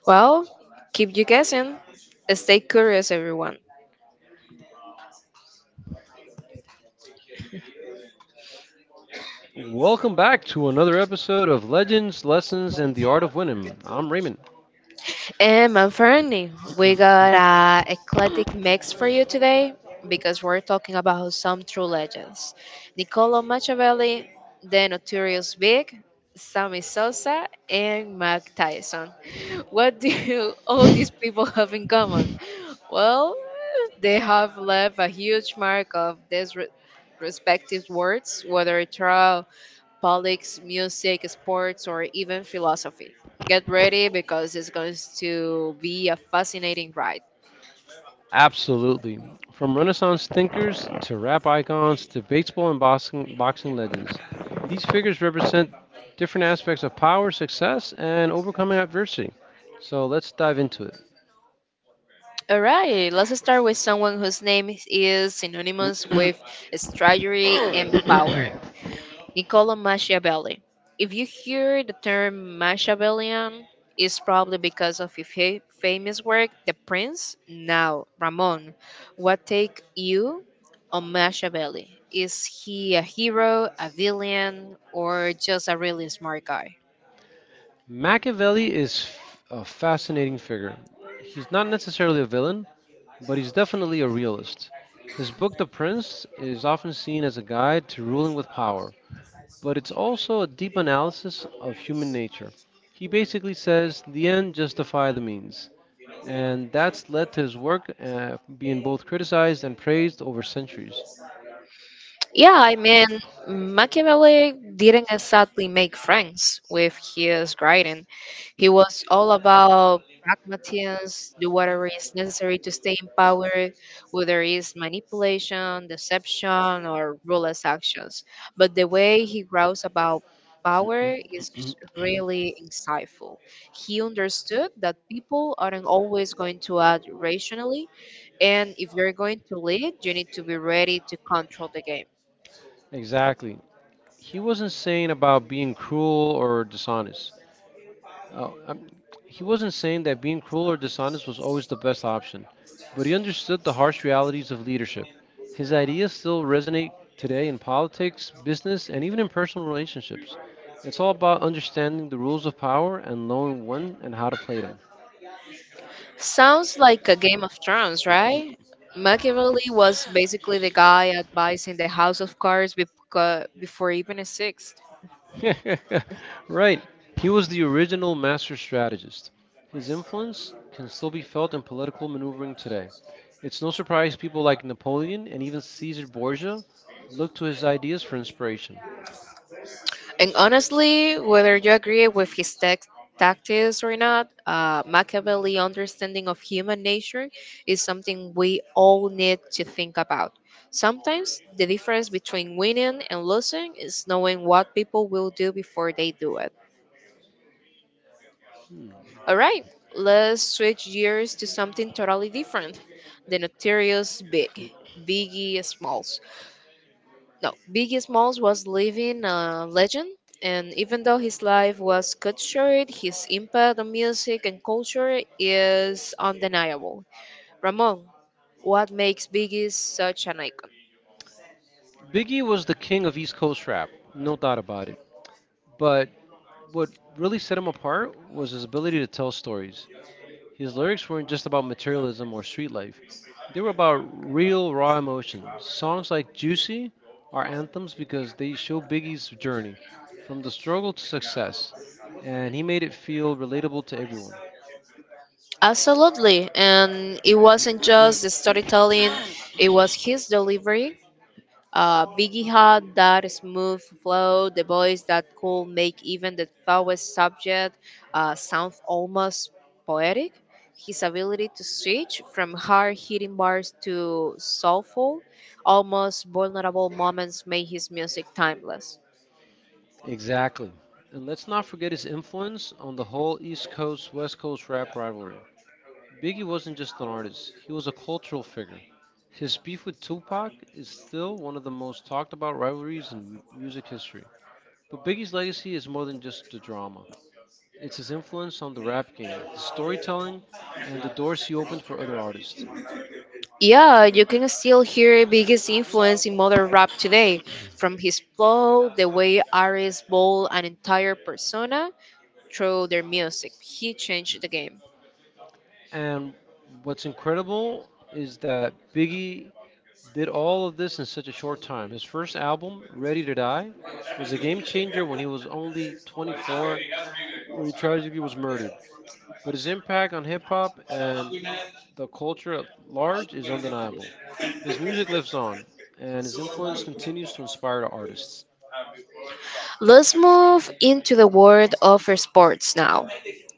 Speaker 2: Well, keep you guessing. Stay curious, everyone.
Speaker 1: Welcome back to another episode of Legends, Lessons, and the Art of Winning. I'm Raymond.
Speaker 2: And my friend, we got a eclectic mix for you today because we're talking about some true legends. Niccolo Machiavelli, the notorious Big, Sammy Sosa, and Mike Tyson. What do you- all these people have in common? Well, they have left a huge mark of these re- respective words, whether through politics, music, sports, or even philosophy. Get ready because it's going to be a fascinating ride.
Speaker 1: Absolutely. From Renaissance thinkers to rap icons to baseball and boxing, boxing legends, these figures represent different aspects of power, success, and overcoming adversity. So let's dive into it.
Speaker 2: All right, let's start with someone whose name is synonymous with strategy and power. Niccolo Machiavelli. If you hear the term Machiavellian, it's probably because of his fa- famous work, The Prince. Now, Ramon, what take you on Machiavelli? Is he a hero, a villain, or just a really smart guy?
Speaker 1: Machiavelli is f- a fascinating figure. He's not necessarily a villain, but he's definitely a realist. His book, The Prince, is often seen as a guide to ruling with power, but it's also a deep analysis of human nature. He basically says the end justify the means, and that's led to his work uh, being both criticized and praised over centuries.
Speaker 2: Yeah, I mean, Machiavelli didn't exactly make friends with his writing. He was all about pragmatism, do whatever is necessary to stay in power, whether it's manipulation, deception, or ruthless actions. But the way he writes about power is really insightful. He understood that people aren't always going to act rationally, and if you're going to lead, you need to be ready to control the game.
Speaker 1: Exactly. He wasn't saying about being cruel or dishonest. Uh, um, he wasn't saying that being cruel or dishonest was always the best option, but he understood the harsh realities of leadership. His ideas still resonate today in politics, business, and even in personal relationships. It's all about understanding the rules of power and knowing when and how to play them.
Speaker 2: Sounds like a Game of Thrones, right? Machiavelli was basically the guy advising the House of Cards beca- before even a sixth.
Speaker 1: Right. He was the original master strategist. His influence can still be felt in political maneuvering today. It's no surprise people like Napoleon and even Caesar Borgia looked to his ideas for inspiration.
Speaker 2: And honestly, whether you agree with his text tactics or not, uh, Machiavelli understanding of human nature is something we all need to think about. Sometimes the difference between winning and losing is knowing what people will do before they do it.
Speaker 1: Hmm.
Speaker 2: All right, let's switch gears to something totally different. The notorious Big, Biggie Smalls. No, Biggie Smalls was living a legend, and even though his life was cut short, his impact on music and culture is undeniable. Ramon, what makes Biggie such an icon?
Speaker 1: Biggie was the king of East Coast rap, no doubt about it. But what really set him apart was his ability to tell stories. His lyrics weren't just about materialism or street life, they were about real, raw emotion. Songs like Juicy are anthems because they show Biggie's journey from the struggle to success, and he made it feel relatable to everyone.
Speaker 2: Absolutely, and it wasn't just the storytelling, it was his delivery. Uh, Biggie had that smooth flow, the voice that could make even the toughest subject uh, sound almost poetic. His ability to switch from hard hitting bars to soulful, almost vulnerable moments made his music timeless.
Speaker 1: Exactly. And let's not forget his influence on the whole East Coast West Coast rap rivalry. Biggie wasn't just an artist, he was a cultural figure. His beef with Tupac is still one of the most talked about rivalries in music history. But Biggie's legacy is more than just the drama. It's his influence on the rap game, his storytelling, and the doors he opened for other artists.
Speaker 2: Yeah, you can still hear Biggie's influence in modern rap today, from his flow, the way artists bold an entire persona through their music. He changed the game.
Speaker 1: And what's incredible is that Biggie did all of this in such a short time. His first album, Ready to Die, was a game changer when he was only twenty-four when he tragically was murdered. But his impact on hip hop and the culture at large is undeniable. His music lives on, and his influence continues to inspire artists.
Speaker 2: Let's move into the world of sports now.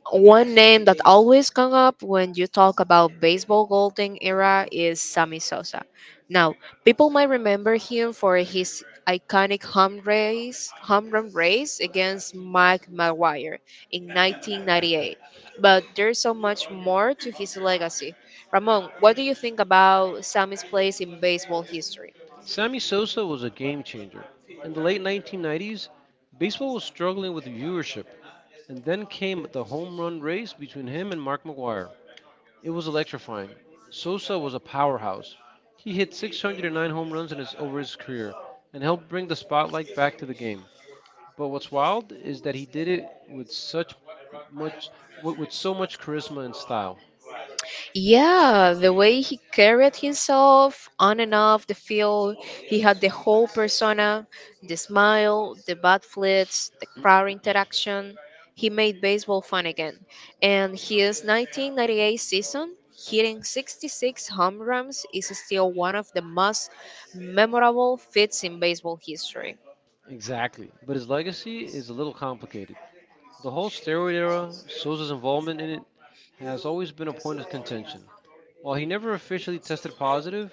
Speaker 2: One name that always comes up when you talk about baseball golden era is Sammy Sosa. Now, people might remember him for his iconic home race, home run race against Mike Maguire in nineteen ninety-eight. But there's so much more to his legacy. Ramon, what do you think about Sammy's place in baseball history?
Speaker 1: Sammy Sosa was a game changer. In the late nineteen nineties, baseball was struggling with viewership, and then came the home run race between him and Mark McGwire. It was electrifying. Sosa was a powerhouse. He hit six hundred nine home runs in his, over his career and helped bring the spotlight back to the game. But what's wild is that he did it with such much with with so much charisma and style.
Speaker 2: Yeah, the way he carried himself on and off the field, he had the whole persona, the smile, the bad flits, the crowd interaction. He made baseball fun again. And his nineteen ninety-eight season, hitting sixty-six home runs, is still one of the most memorable feats in baseball history.
Speaker 1: Exactly. But his legacy is a little complicated. The whole steroid era, Souza's involvement in it, has always been a point of contention. While he never officially tested positive,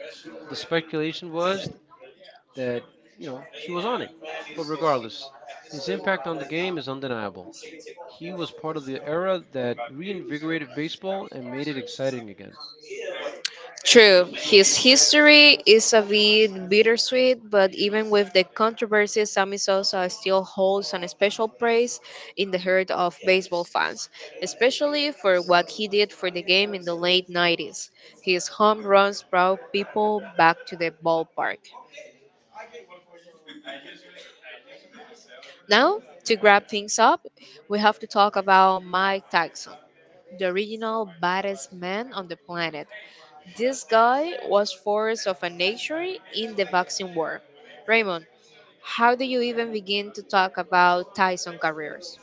Speaker 1: the speculation was that, you know, he was on it. But regardless, his impact on the game is undeniable. He was part of the era that reinvigorated baseball and made it exciting again.
Speaker 2: True, his history is a bit bittersweet, but even with the controversy, Sammy Sosa still holds an special place in the heart of baseball fans, especially for what he did for the game in the late nineties. His home runs brought people back to the ballpark. Now, to wrap things up, we have to talk about Mike Tyson, the original baddest man on the planet. This guy was force of a nature in the boxing war. Raymond, how do you even begin to talk about Tyson careers?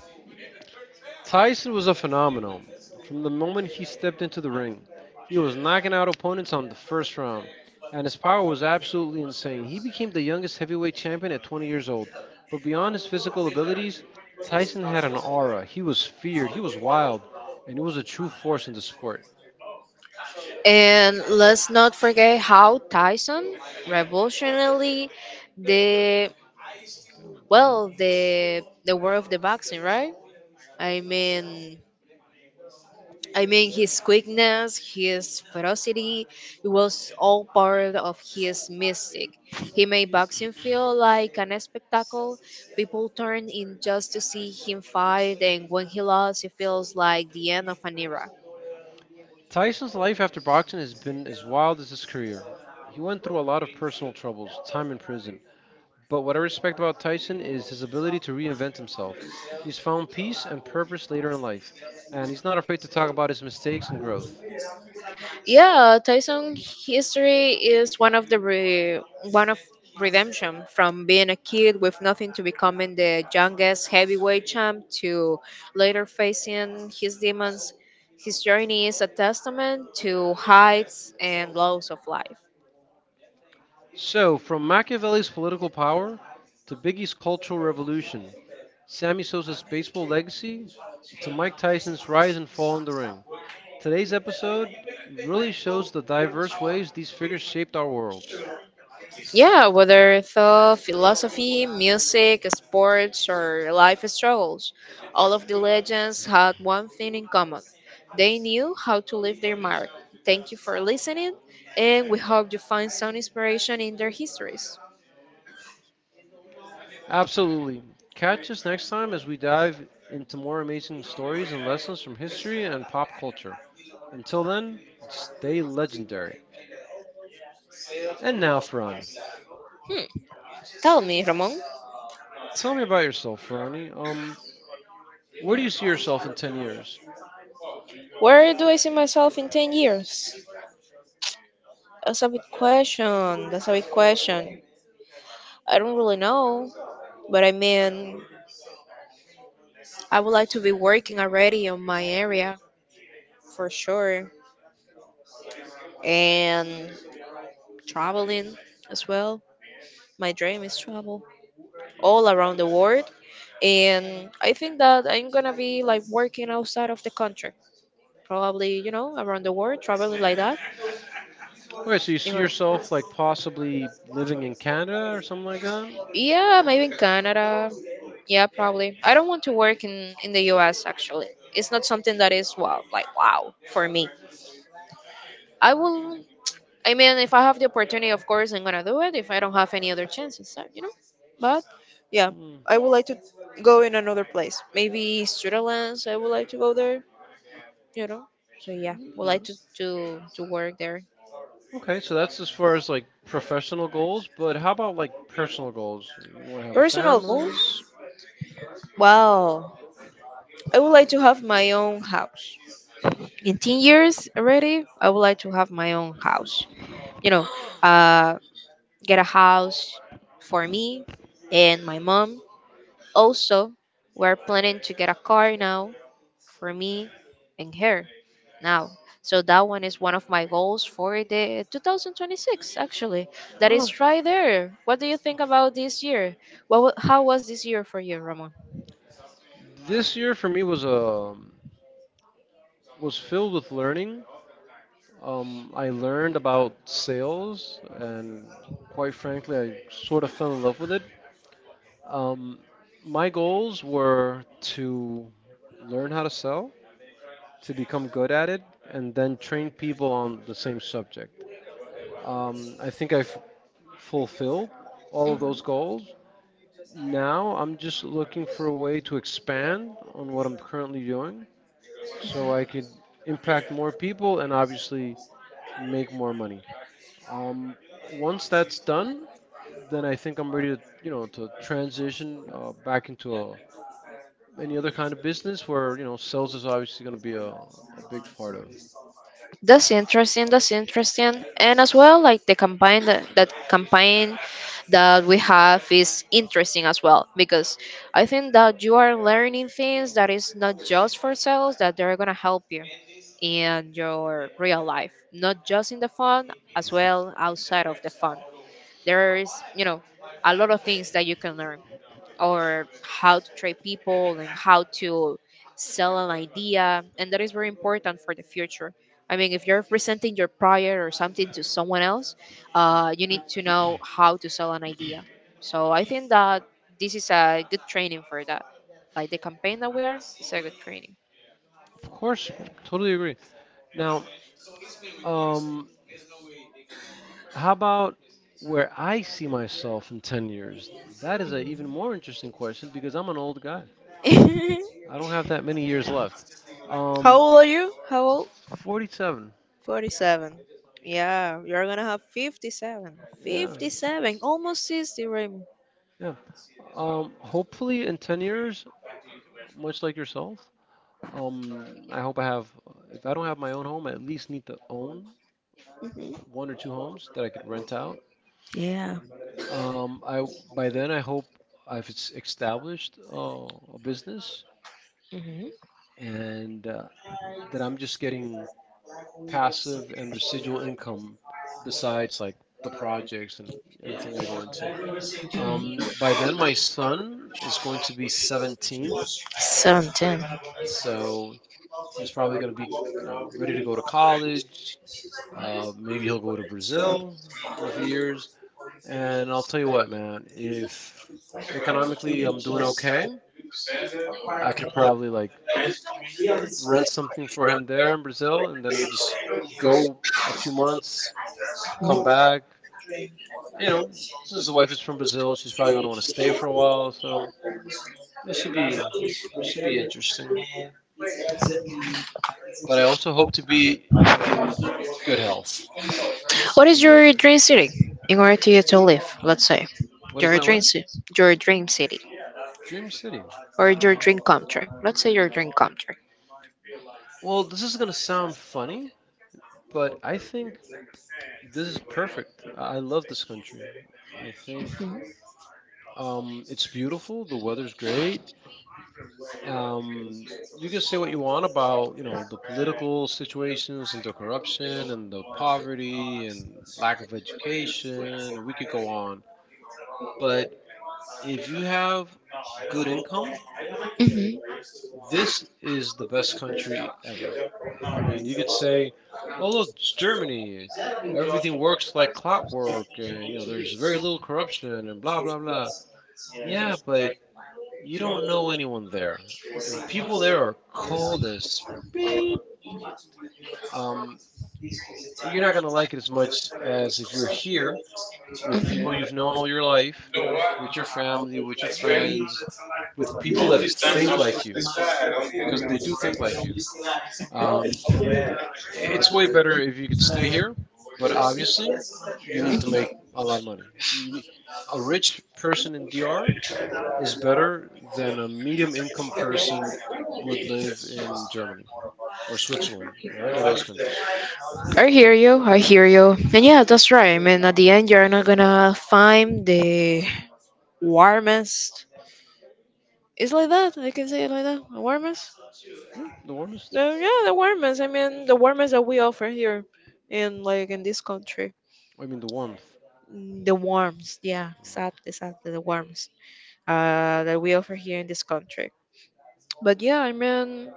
Speaker 1: Tyson was a phenomenon. From the moment he stepped into the ring, he was knocking out opponents on the first round, and his power was absolutely insane. He became the youngest heavyweight champion at twenty years old, but beyond his physical abilities, Tyson had an aura. He was feared, he was wild, and he was a true force in the sport.
Speaker 2: And let's not forget how Tyson revolutionary the well the the world of the boxing, right? I mean I mean, his quickness, his ferocity, it was all part of his mystic. He made boxing feel like an spectacle. People turned in just to see him fight, and when he lost, it feels like the end of an era.
Speaker 1: Tyson's life after boxing has been as wild as his career. He went through a lot of personal troubles, time in prison. But what I respect about Tyson is his ability to reinvent himself. He's found peace and purpose later in life, and he's not afraid to talk about his mistakes and growth.
Speaker 2: Yeah, Tyson history is one of the re- one of redemption from being a kid with nothing to becoming the youngest heavyweight champ to later facing his demons. His journey is a testament to heights and lows of life.
Speaker 1: So, from Machiavelli's political power to Biggie's cultural revolution, Sammy Sosa's baseball legacy to Mike Tyson's rise and fall in the ring, today's episode really shows the diverse ways these figures shaped our worlds.
Speaker 2: Yeah, whether thought, philosophy, music, sports, or life struggles, all of the legends had one thing in common. They knew how to leave their mark. Thank you for listening, and we hope you find some inspiration in their histories.
Speaker 1: Absolutely. Catch us next time as we dive into more amazing stories and lessons from history and pop culture. Until then, stay legendary. And now, Fran,
Speaker 2: Hmm. Tell me, Ramon,
Speaker 1: tell me about yourself, Franny. Um, where do you see yourself in ten years?
Speaker 2: where do I see myself in ten years? That's a big question. That's a big question. I don't really know, but I mean, I would like to be working already on my area. For sure. And traveling as well. My dream is travel all around the world. And I think that I'm gonna be like working outside of the country. Probably, you know, around the world, traveling like that.
Speaker 1: Okay, so you
Speaker 2: You
Speaker 1: see
Speaker 2: know,
Speaker 1: yourself like possibly living in Canada or something like that?
Speaker 2: yeah, maybe in Canada. Yeah, probably. I don't want to work in in the U S actually. It's not something that is wow, like wow for me. I will I mean, if I have the opportunity, of course, I'm gonna do it. If I don't have any other chances, uh, you know. But yeah,
Speaker 1: Hmm.
Speaker 2: I would like to go in another place. Maybe Switzerland. I would like to go there. You know. So yeah, would like
Speaker 1: Okay.
Speaker 2: to to to work there.
Speaker 1: Okay, so that's as far as like professional goals, but how about like personal goals? You want to have a
Speaker 2: Personal
Speaker 1: family?
Speaker 2: goals. Wow, I would like to have my own house. In ten years already, I would like to have my own house. You know, uh, get a house for me and my mom. Also, we're planning to get a car now for me and her now. So that one is one of my goals for the twenty twenty-six actually. That
Speaker 1: I
Speaker 2: is right there. What do you think about this year? What wa- how was this year for you, Ramon?
Speaker 1: This year for me was a was filled with learning. Um, I learned about sales, and quite frankly, I sort of fell in love with it. Um, my goals were to learn how to sell, to become good at it, and then train people on the same subject. Um, I think I've fulfilled all of those goals. Now I'm just looking for a way to expand on what I'm currently doing so I could impact more people and obviously make more money. Um, Once that's done, then I think I'm ready to, you know, to transition uh, back into a, any other kind of business where, you know, sales is obviously going to be a, a big part of.
Speaker 2: That's interesting. That's interesting. And as well, like the campaign that, that campaign that we have is interesting as well because I think that you are learning things that is not just for sales that they're gonna help you in your real life, not just in the fun, as well outside of the fun. There is, you know, a lot of things that you can learn, or how to treat people and how to sell an idea, and that is very important for the future. I mean, if you're presenting your prior or something to someone else, uh, you need to know how to sell an idea. So I think that this is a good training for that. Like the campaign that we are, it's a good training.
Speaker 1: Of course, totally agree. Now, um, how about where I see myself in ten years? That is an even more interesting question because I'm an old guy. I don't have that many years left.
Speaker 2: How
Speaker 1: Um,
Speaker 2: old are you? How old?
Speaker 1: forty-seven.
Speaker 2: forty-seven. Yeah, you're gonna have fifty-seven.
Speaker 1: Yeah.
Speaker 2: fifty-seven, almost sixty, Raymond.
Speaker 1: Yeah. Um, hopefully in ten years, much like yourself, um, I hope I have, if I don't have my own home, I at least need to own one or two homes that I could rent out.
Speaker 2: Yeah.
Speaker 1: Um, I By then I hope I've es- established uh, a business and uh, that I'm just getting passive and residual income besides like the projects and everything I go into. Um, by then, my son is going to be seventeen,
Speaker 2: seventeen.
Speaker 1: so he's probably going to be you know ready to go to college. Uh, maybe he'll go to Brazil for a few years. And I'll tell you what, man, if economically I'm doing okay, I could probably like rent something for him there in Brazil and then just go a few months, come back, you know, since the wife is from Brazil, she's probably gonna want to stay for a while. So it should be should be interesting. But I also hope to be in good health.
Speaker 2: What
Speaker 1: To
Speaker 2: is your
Speaker 1: me,
Speaker 2: dream city in order to get to live, let's say?
Speaker 1: what is
Speaker 2: Your
Speaker 1: my
Speaker 2: dream
Speaker 1: what?
Speaker 2: city. Your dream city.
Speaker 1: Dream city.
Speaker 2: Or your dream country. Let's say your dream country.
Speaker 1: Well, this is gonna sound funny, but I think this is perfect. I I love this country. I think
Speaker 2: Hmm.
Speaker 1: um, it's beautiful. The weather's great. Um, you can say what you want about, you know, the political situations and the corruption and the poverty and lack of education, and we could go on. But if you have good income, this is the best country ever. I mean, you could say, oh, look, it's Germany, everything works like clockwork, and, you know, there's very little corruption and blah, blah, blah. Yeah, but you don't know anyone there. And people there are cold as beep. um, you're not going to like it as much as if you're here with people you've known all your life, with your family, with your friends, with people that think like you, because they do think like you. Um, it's way better if you could stay here, but obviously, you need to make a lot of money. You need, a rich person in D R is better than a medium income person would live in Germany or Switzerland or any of those countries.
Speaker 2: I hear you. I hear you. And yeah, that's right. I mean, at the end, you're not gonna find the warmest. It's like that. I can say it like that. Warmest.
Speaker 1: Yeah, the warmest.
Speaker 2: No, yeah, the warmest. I mean, the warmest that we offer here, in like in this country.
Speaker 1: I mean, the warmth.
Speaker 2: Mm, the warmest. Yeah, exactly, exactly. The warmest. Uh, that we offer here in this country. But yeah, I mean,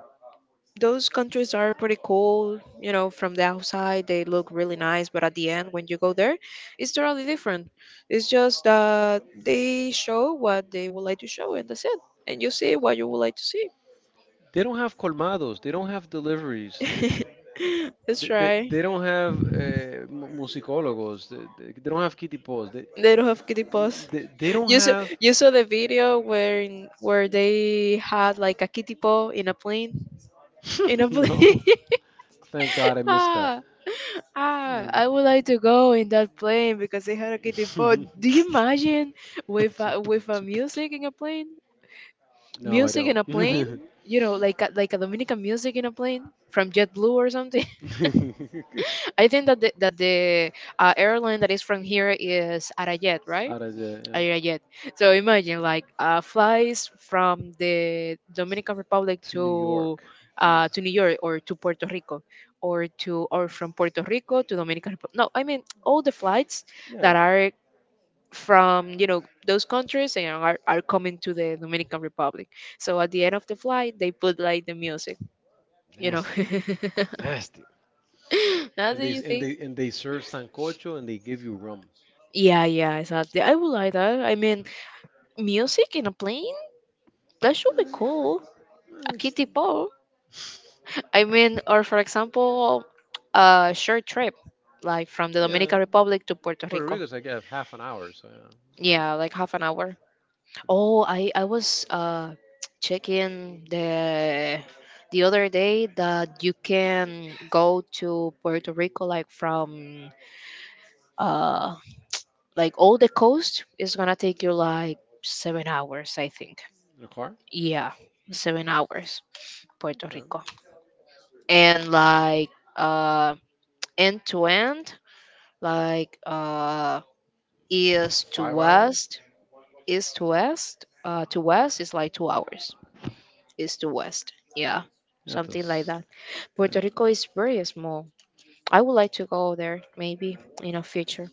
Speaker 2: those countries are pretty cool. You know, from the outside they look really nice, but at the end when you go there, it's totally different. It's just that they show what they would like to show, and that's it. And you see what you would like to see.
Speaker 1: They don't have colmados. They don't have deliveries. They, they,
Speaker 2: Let's
Speaker 1: they,
Speaker 2: try.
Speaker 1: they- don't have uh, mu- musicólogos. They, they, they don't have kitty paws. They,
Speaker 2: They don't have kitty paws.
Speaker 1: they, they don't
Speaker 2: You saw,
Speaker 1: have.
Speaker 2: you saw the video where in, where they had like a kitty paw in a plane. In a plane.
Speaker 1: No, thank God I missed that.
Speaker 2: Ah, ah!
Speaker 1: Um,
Speaker 2: I would like to go in that plane because they had a kitty paw. Do you imagine with a, with a music in a plane?
Speaker 1: no, I
Speaker 2: Music
Speaker 1: don't.
Speaker 2: in a plane. You know, like a, like a Dominican music in a plane from JetBlue or something. I think that the, that the uh, airline that is from here is Arayet, right?
Speaker 1: Out of the
Speaker 2: uh,
Speaker 1: yeah.
Speaker 2: yeah, yet. So imagine like uh, flies from the Dominican Republic
Speaker 1: To New
Speaker 2: to
Speaker 1: York.
Speaker 2: uh,
Speaker 1: Jesus.
Speaker 2: to New York or to Puerto Rico or to or from Puerto Rico to Dominican Republic. No, I mean all the flights
Speaker 1: Yeah.
Speaker 2: that are from you know those countries and are, are coming to the Dominican Republic. So at the end of the flight, they put like the music, you know.
Speaker 1: Nasty. Nasty.
Speaker 2: Now
Speaker 1: And
Speaker 2: that
Speaker 1: they
Speaker 2: you
Speaker 1: and
Speaker 2: think.
Speaker 1: they and they serve sancocho and they give you rum.
Speaker 2: Yeah, yeah, exactly. I would like that. I mean, music in a plane? That
Speaker 1: Eh,
Speaker 2: should be
Speaker 1: eh,
Speaker 2: cool. A
Speaker 1: it's-
Speaker 2: kitty. I mean, or for example, a short trip, like from the
Speaker 1: yeah,
Speaker 2: Dominican Republic to Puerto
Speaker 1: Puerto
Speaker 2: Rico.
Speaker 1: Rico's like uh, half an hour, so yeah. I-
Speaker 2: Yeah, like half an hour. Oh, I I was uh checking the the other day that you can go to Puerto Rico like from uh like all the coast. It's gonna take you like seven hours, I think.
Speaker 1: in a car?
Speaker 2: Yeah, seven hours, Puerto Rico,
Speaker 1: Okay.
Speaker 2: and like uh end to end like uh,
Speaker 1: It's
Speaker 2: east to
Speaker 1: Five hours?
Speaker 2: west, east to west, uh, to west is like two hours, east to west, yeah,
Speaker 1: Yeah,
Speaker 2: something like
Speaker 1: that's.
Speaker 2: that. Puerto
Speaker 1: That.
Speaker 2: Rico is very small. I would like to go there maybe in a future,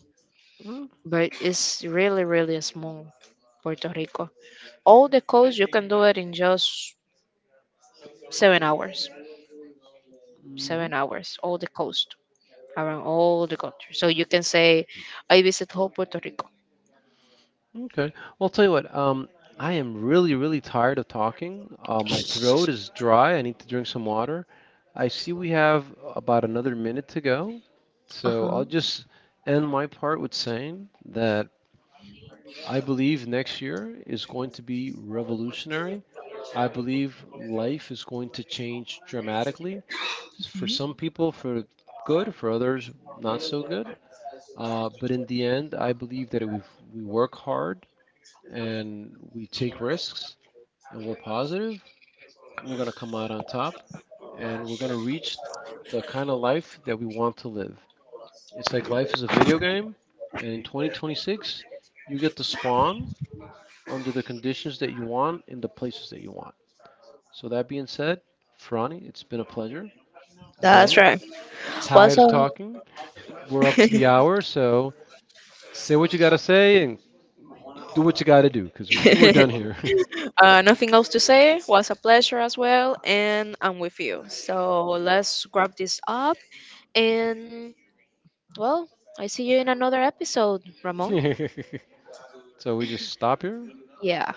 Speaker 1: Well,
Speaker 2: but it's really really small. Puerto Rico. All the coast you can do it in just seven hours.
Speaker 1: Mm-hmm.
Speaker 2: Seven hours. All the coast around all the country. So you can say I visit whole Puerto Rico.
Speaker 1: Okay. Well, I'll tell you what. Um, I am really, really tired of talking. Uh, my throat is dry. I need to drink some water. I see we have about another minute to go,
Speaker 2: Uh
Speaker 1: so
Speaker 2: huh.
Speaker 1: I'll just end my part with saying that I believe next year is going to be revolutionary. I believe life is going to change dramatically. For
Speaker 2: Mhm.
Speaker 1: some people, for good, for others, not so good. Uh, but in the end, I believe that if we work hard and we take risks and we're positive, we're going to come out on top and we're going to reach the kind of life that we want to live. It's like life is a video game, and in twenty twenty-six, you get to spawn under the conditions that you want in the places that you want. So, that being said, Ferrani, it's been a pleasure.
Speaker 2: That's
Speaker 1: Again,
Speaker 2: right. Was
Speaker 1: tired of talking. We're up
Speaker 2: a
Speaker 1: to the hour, so say what you got to say and do what you got to do because we're done here.
Speaker 2: uh, nothing else to say. Was a pleasure as well, and I'm with you. So let's grab this up, and well, I see you in another episode, Ramon.
Speaker 1: So, we just stop here.
Speaker 2: Yeah.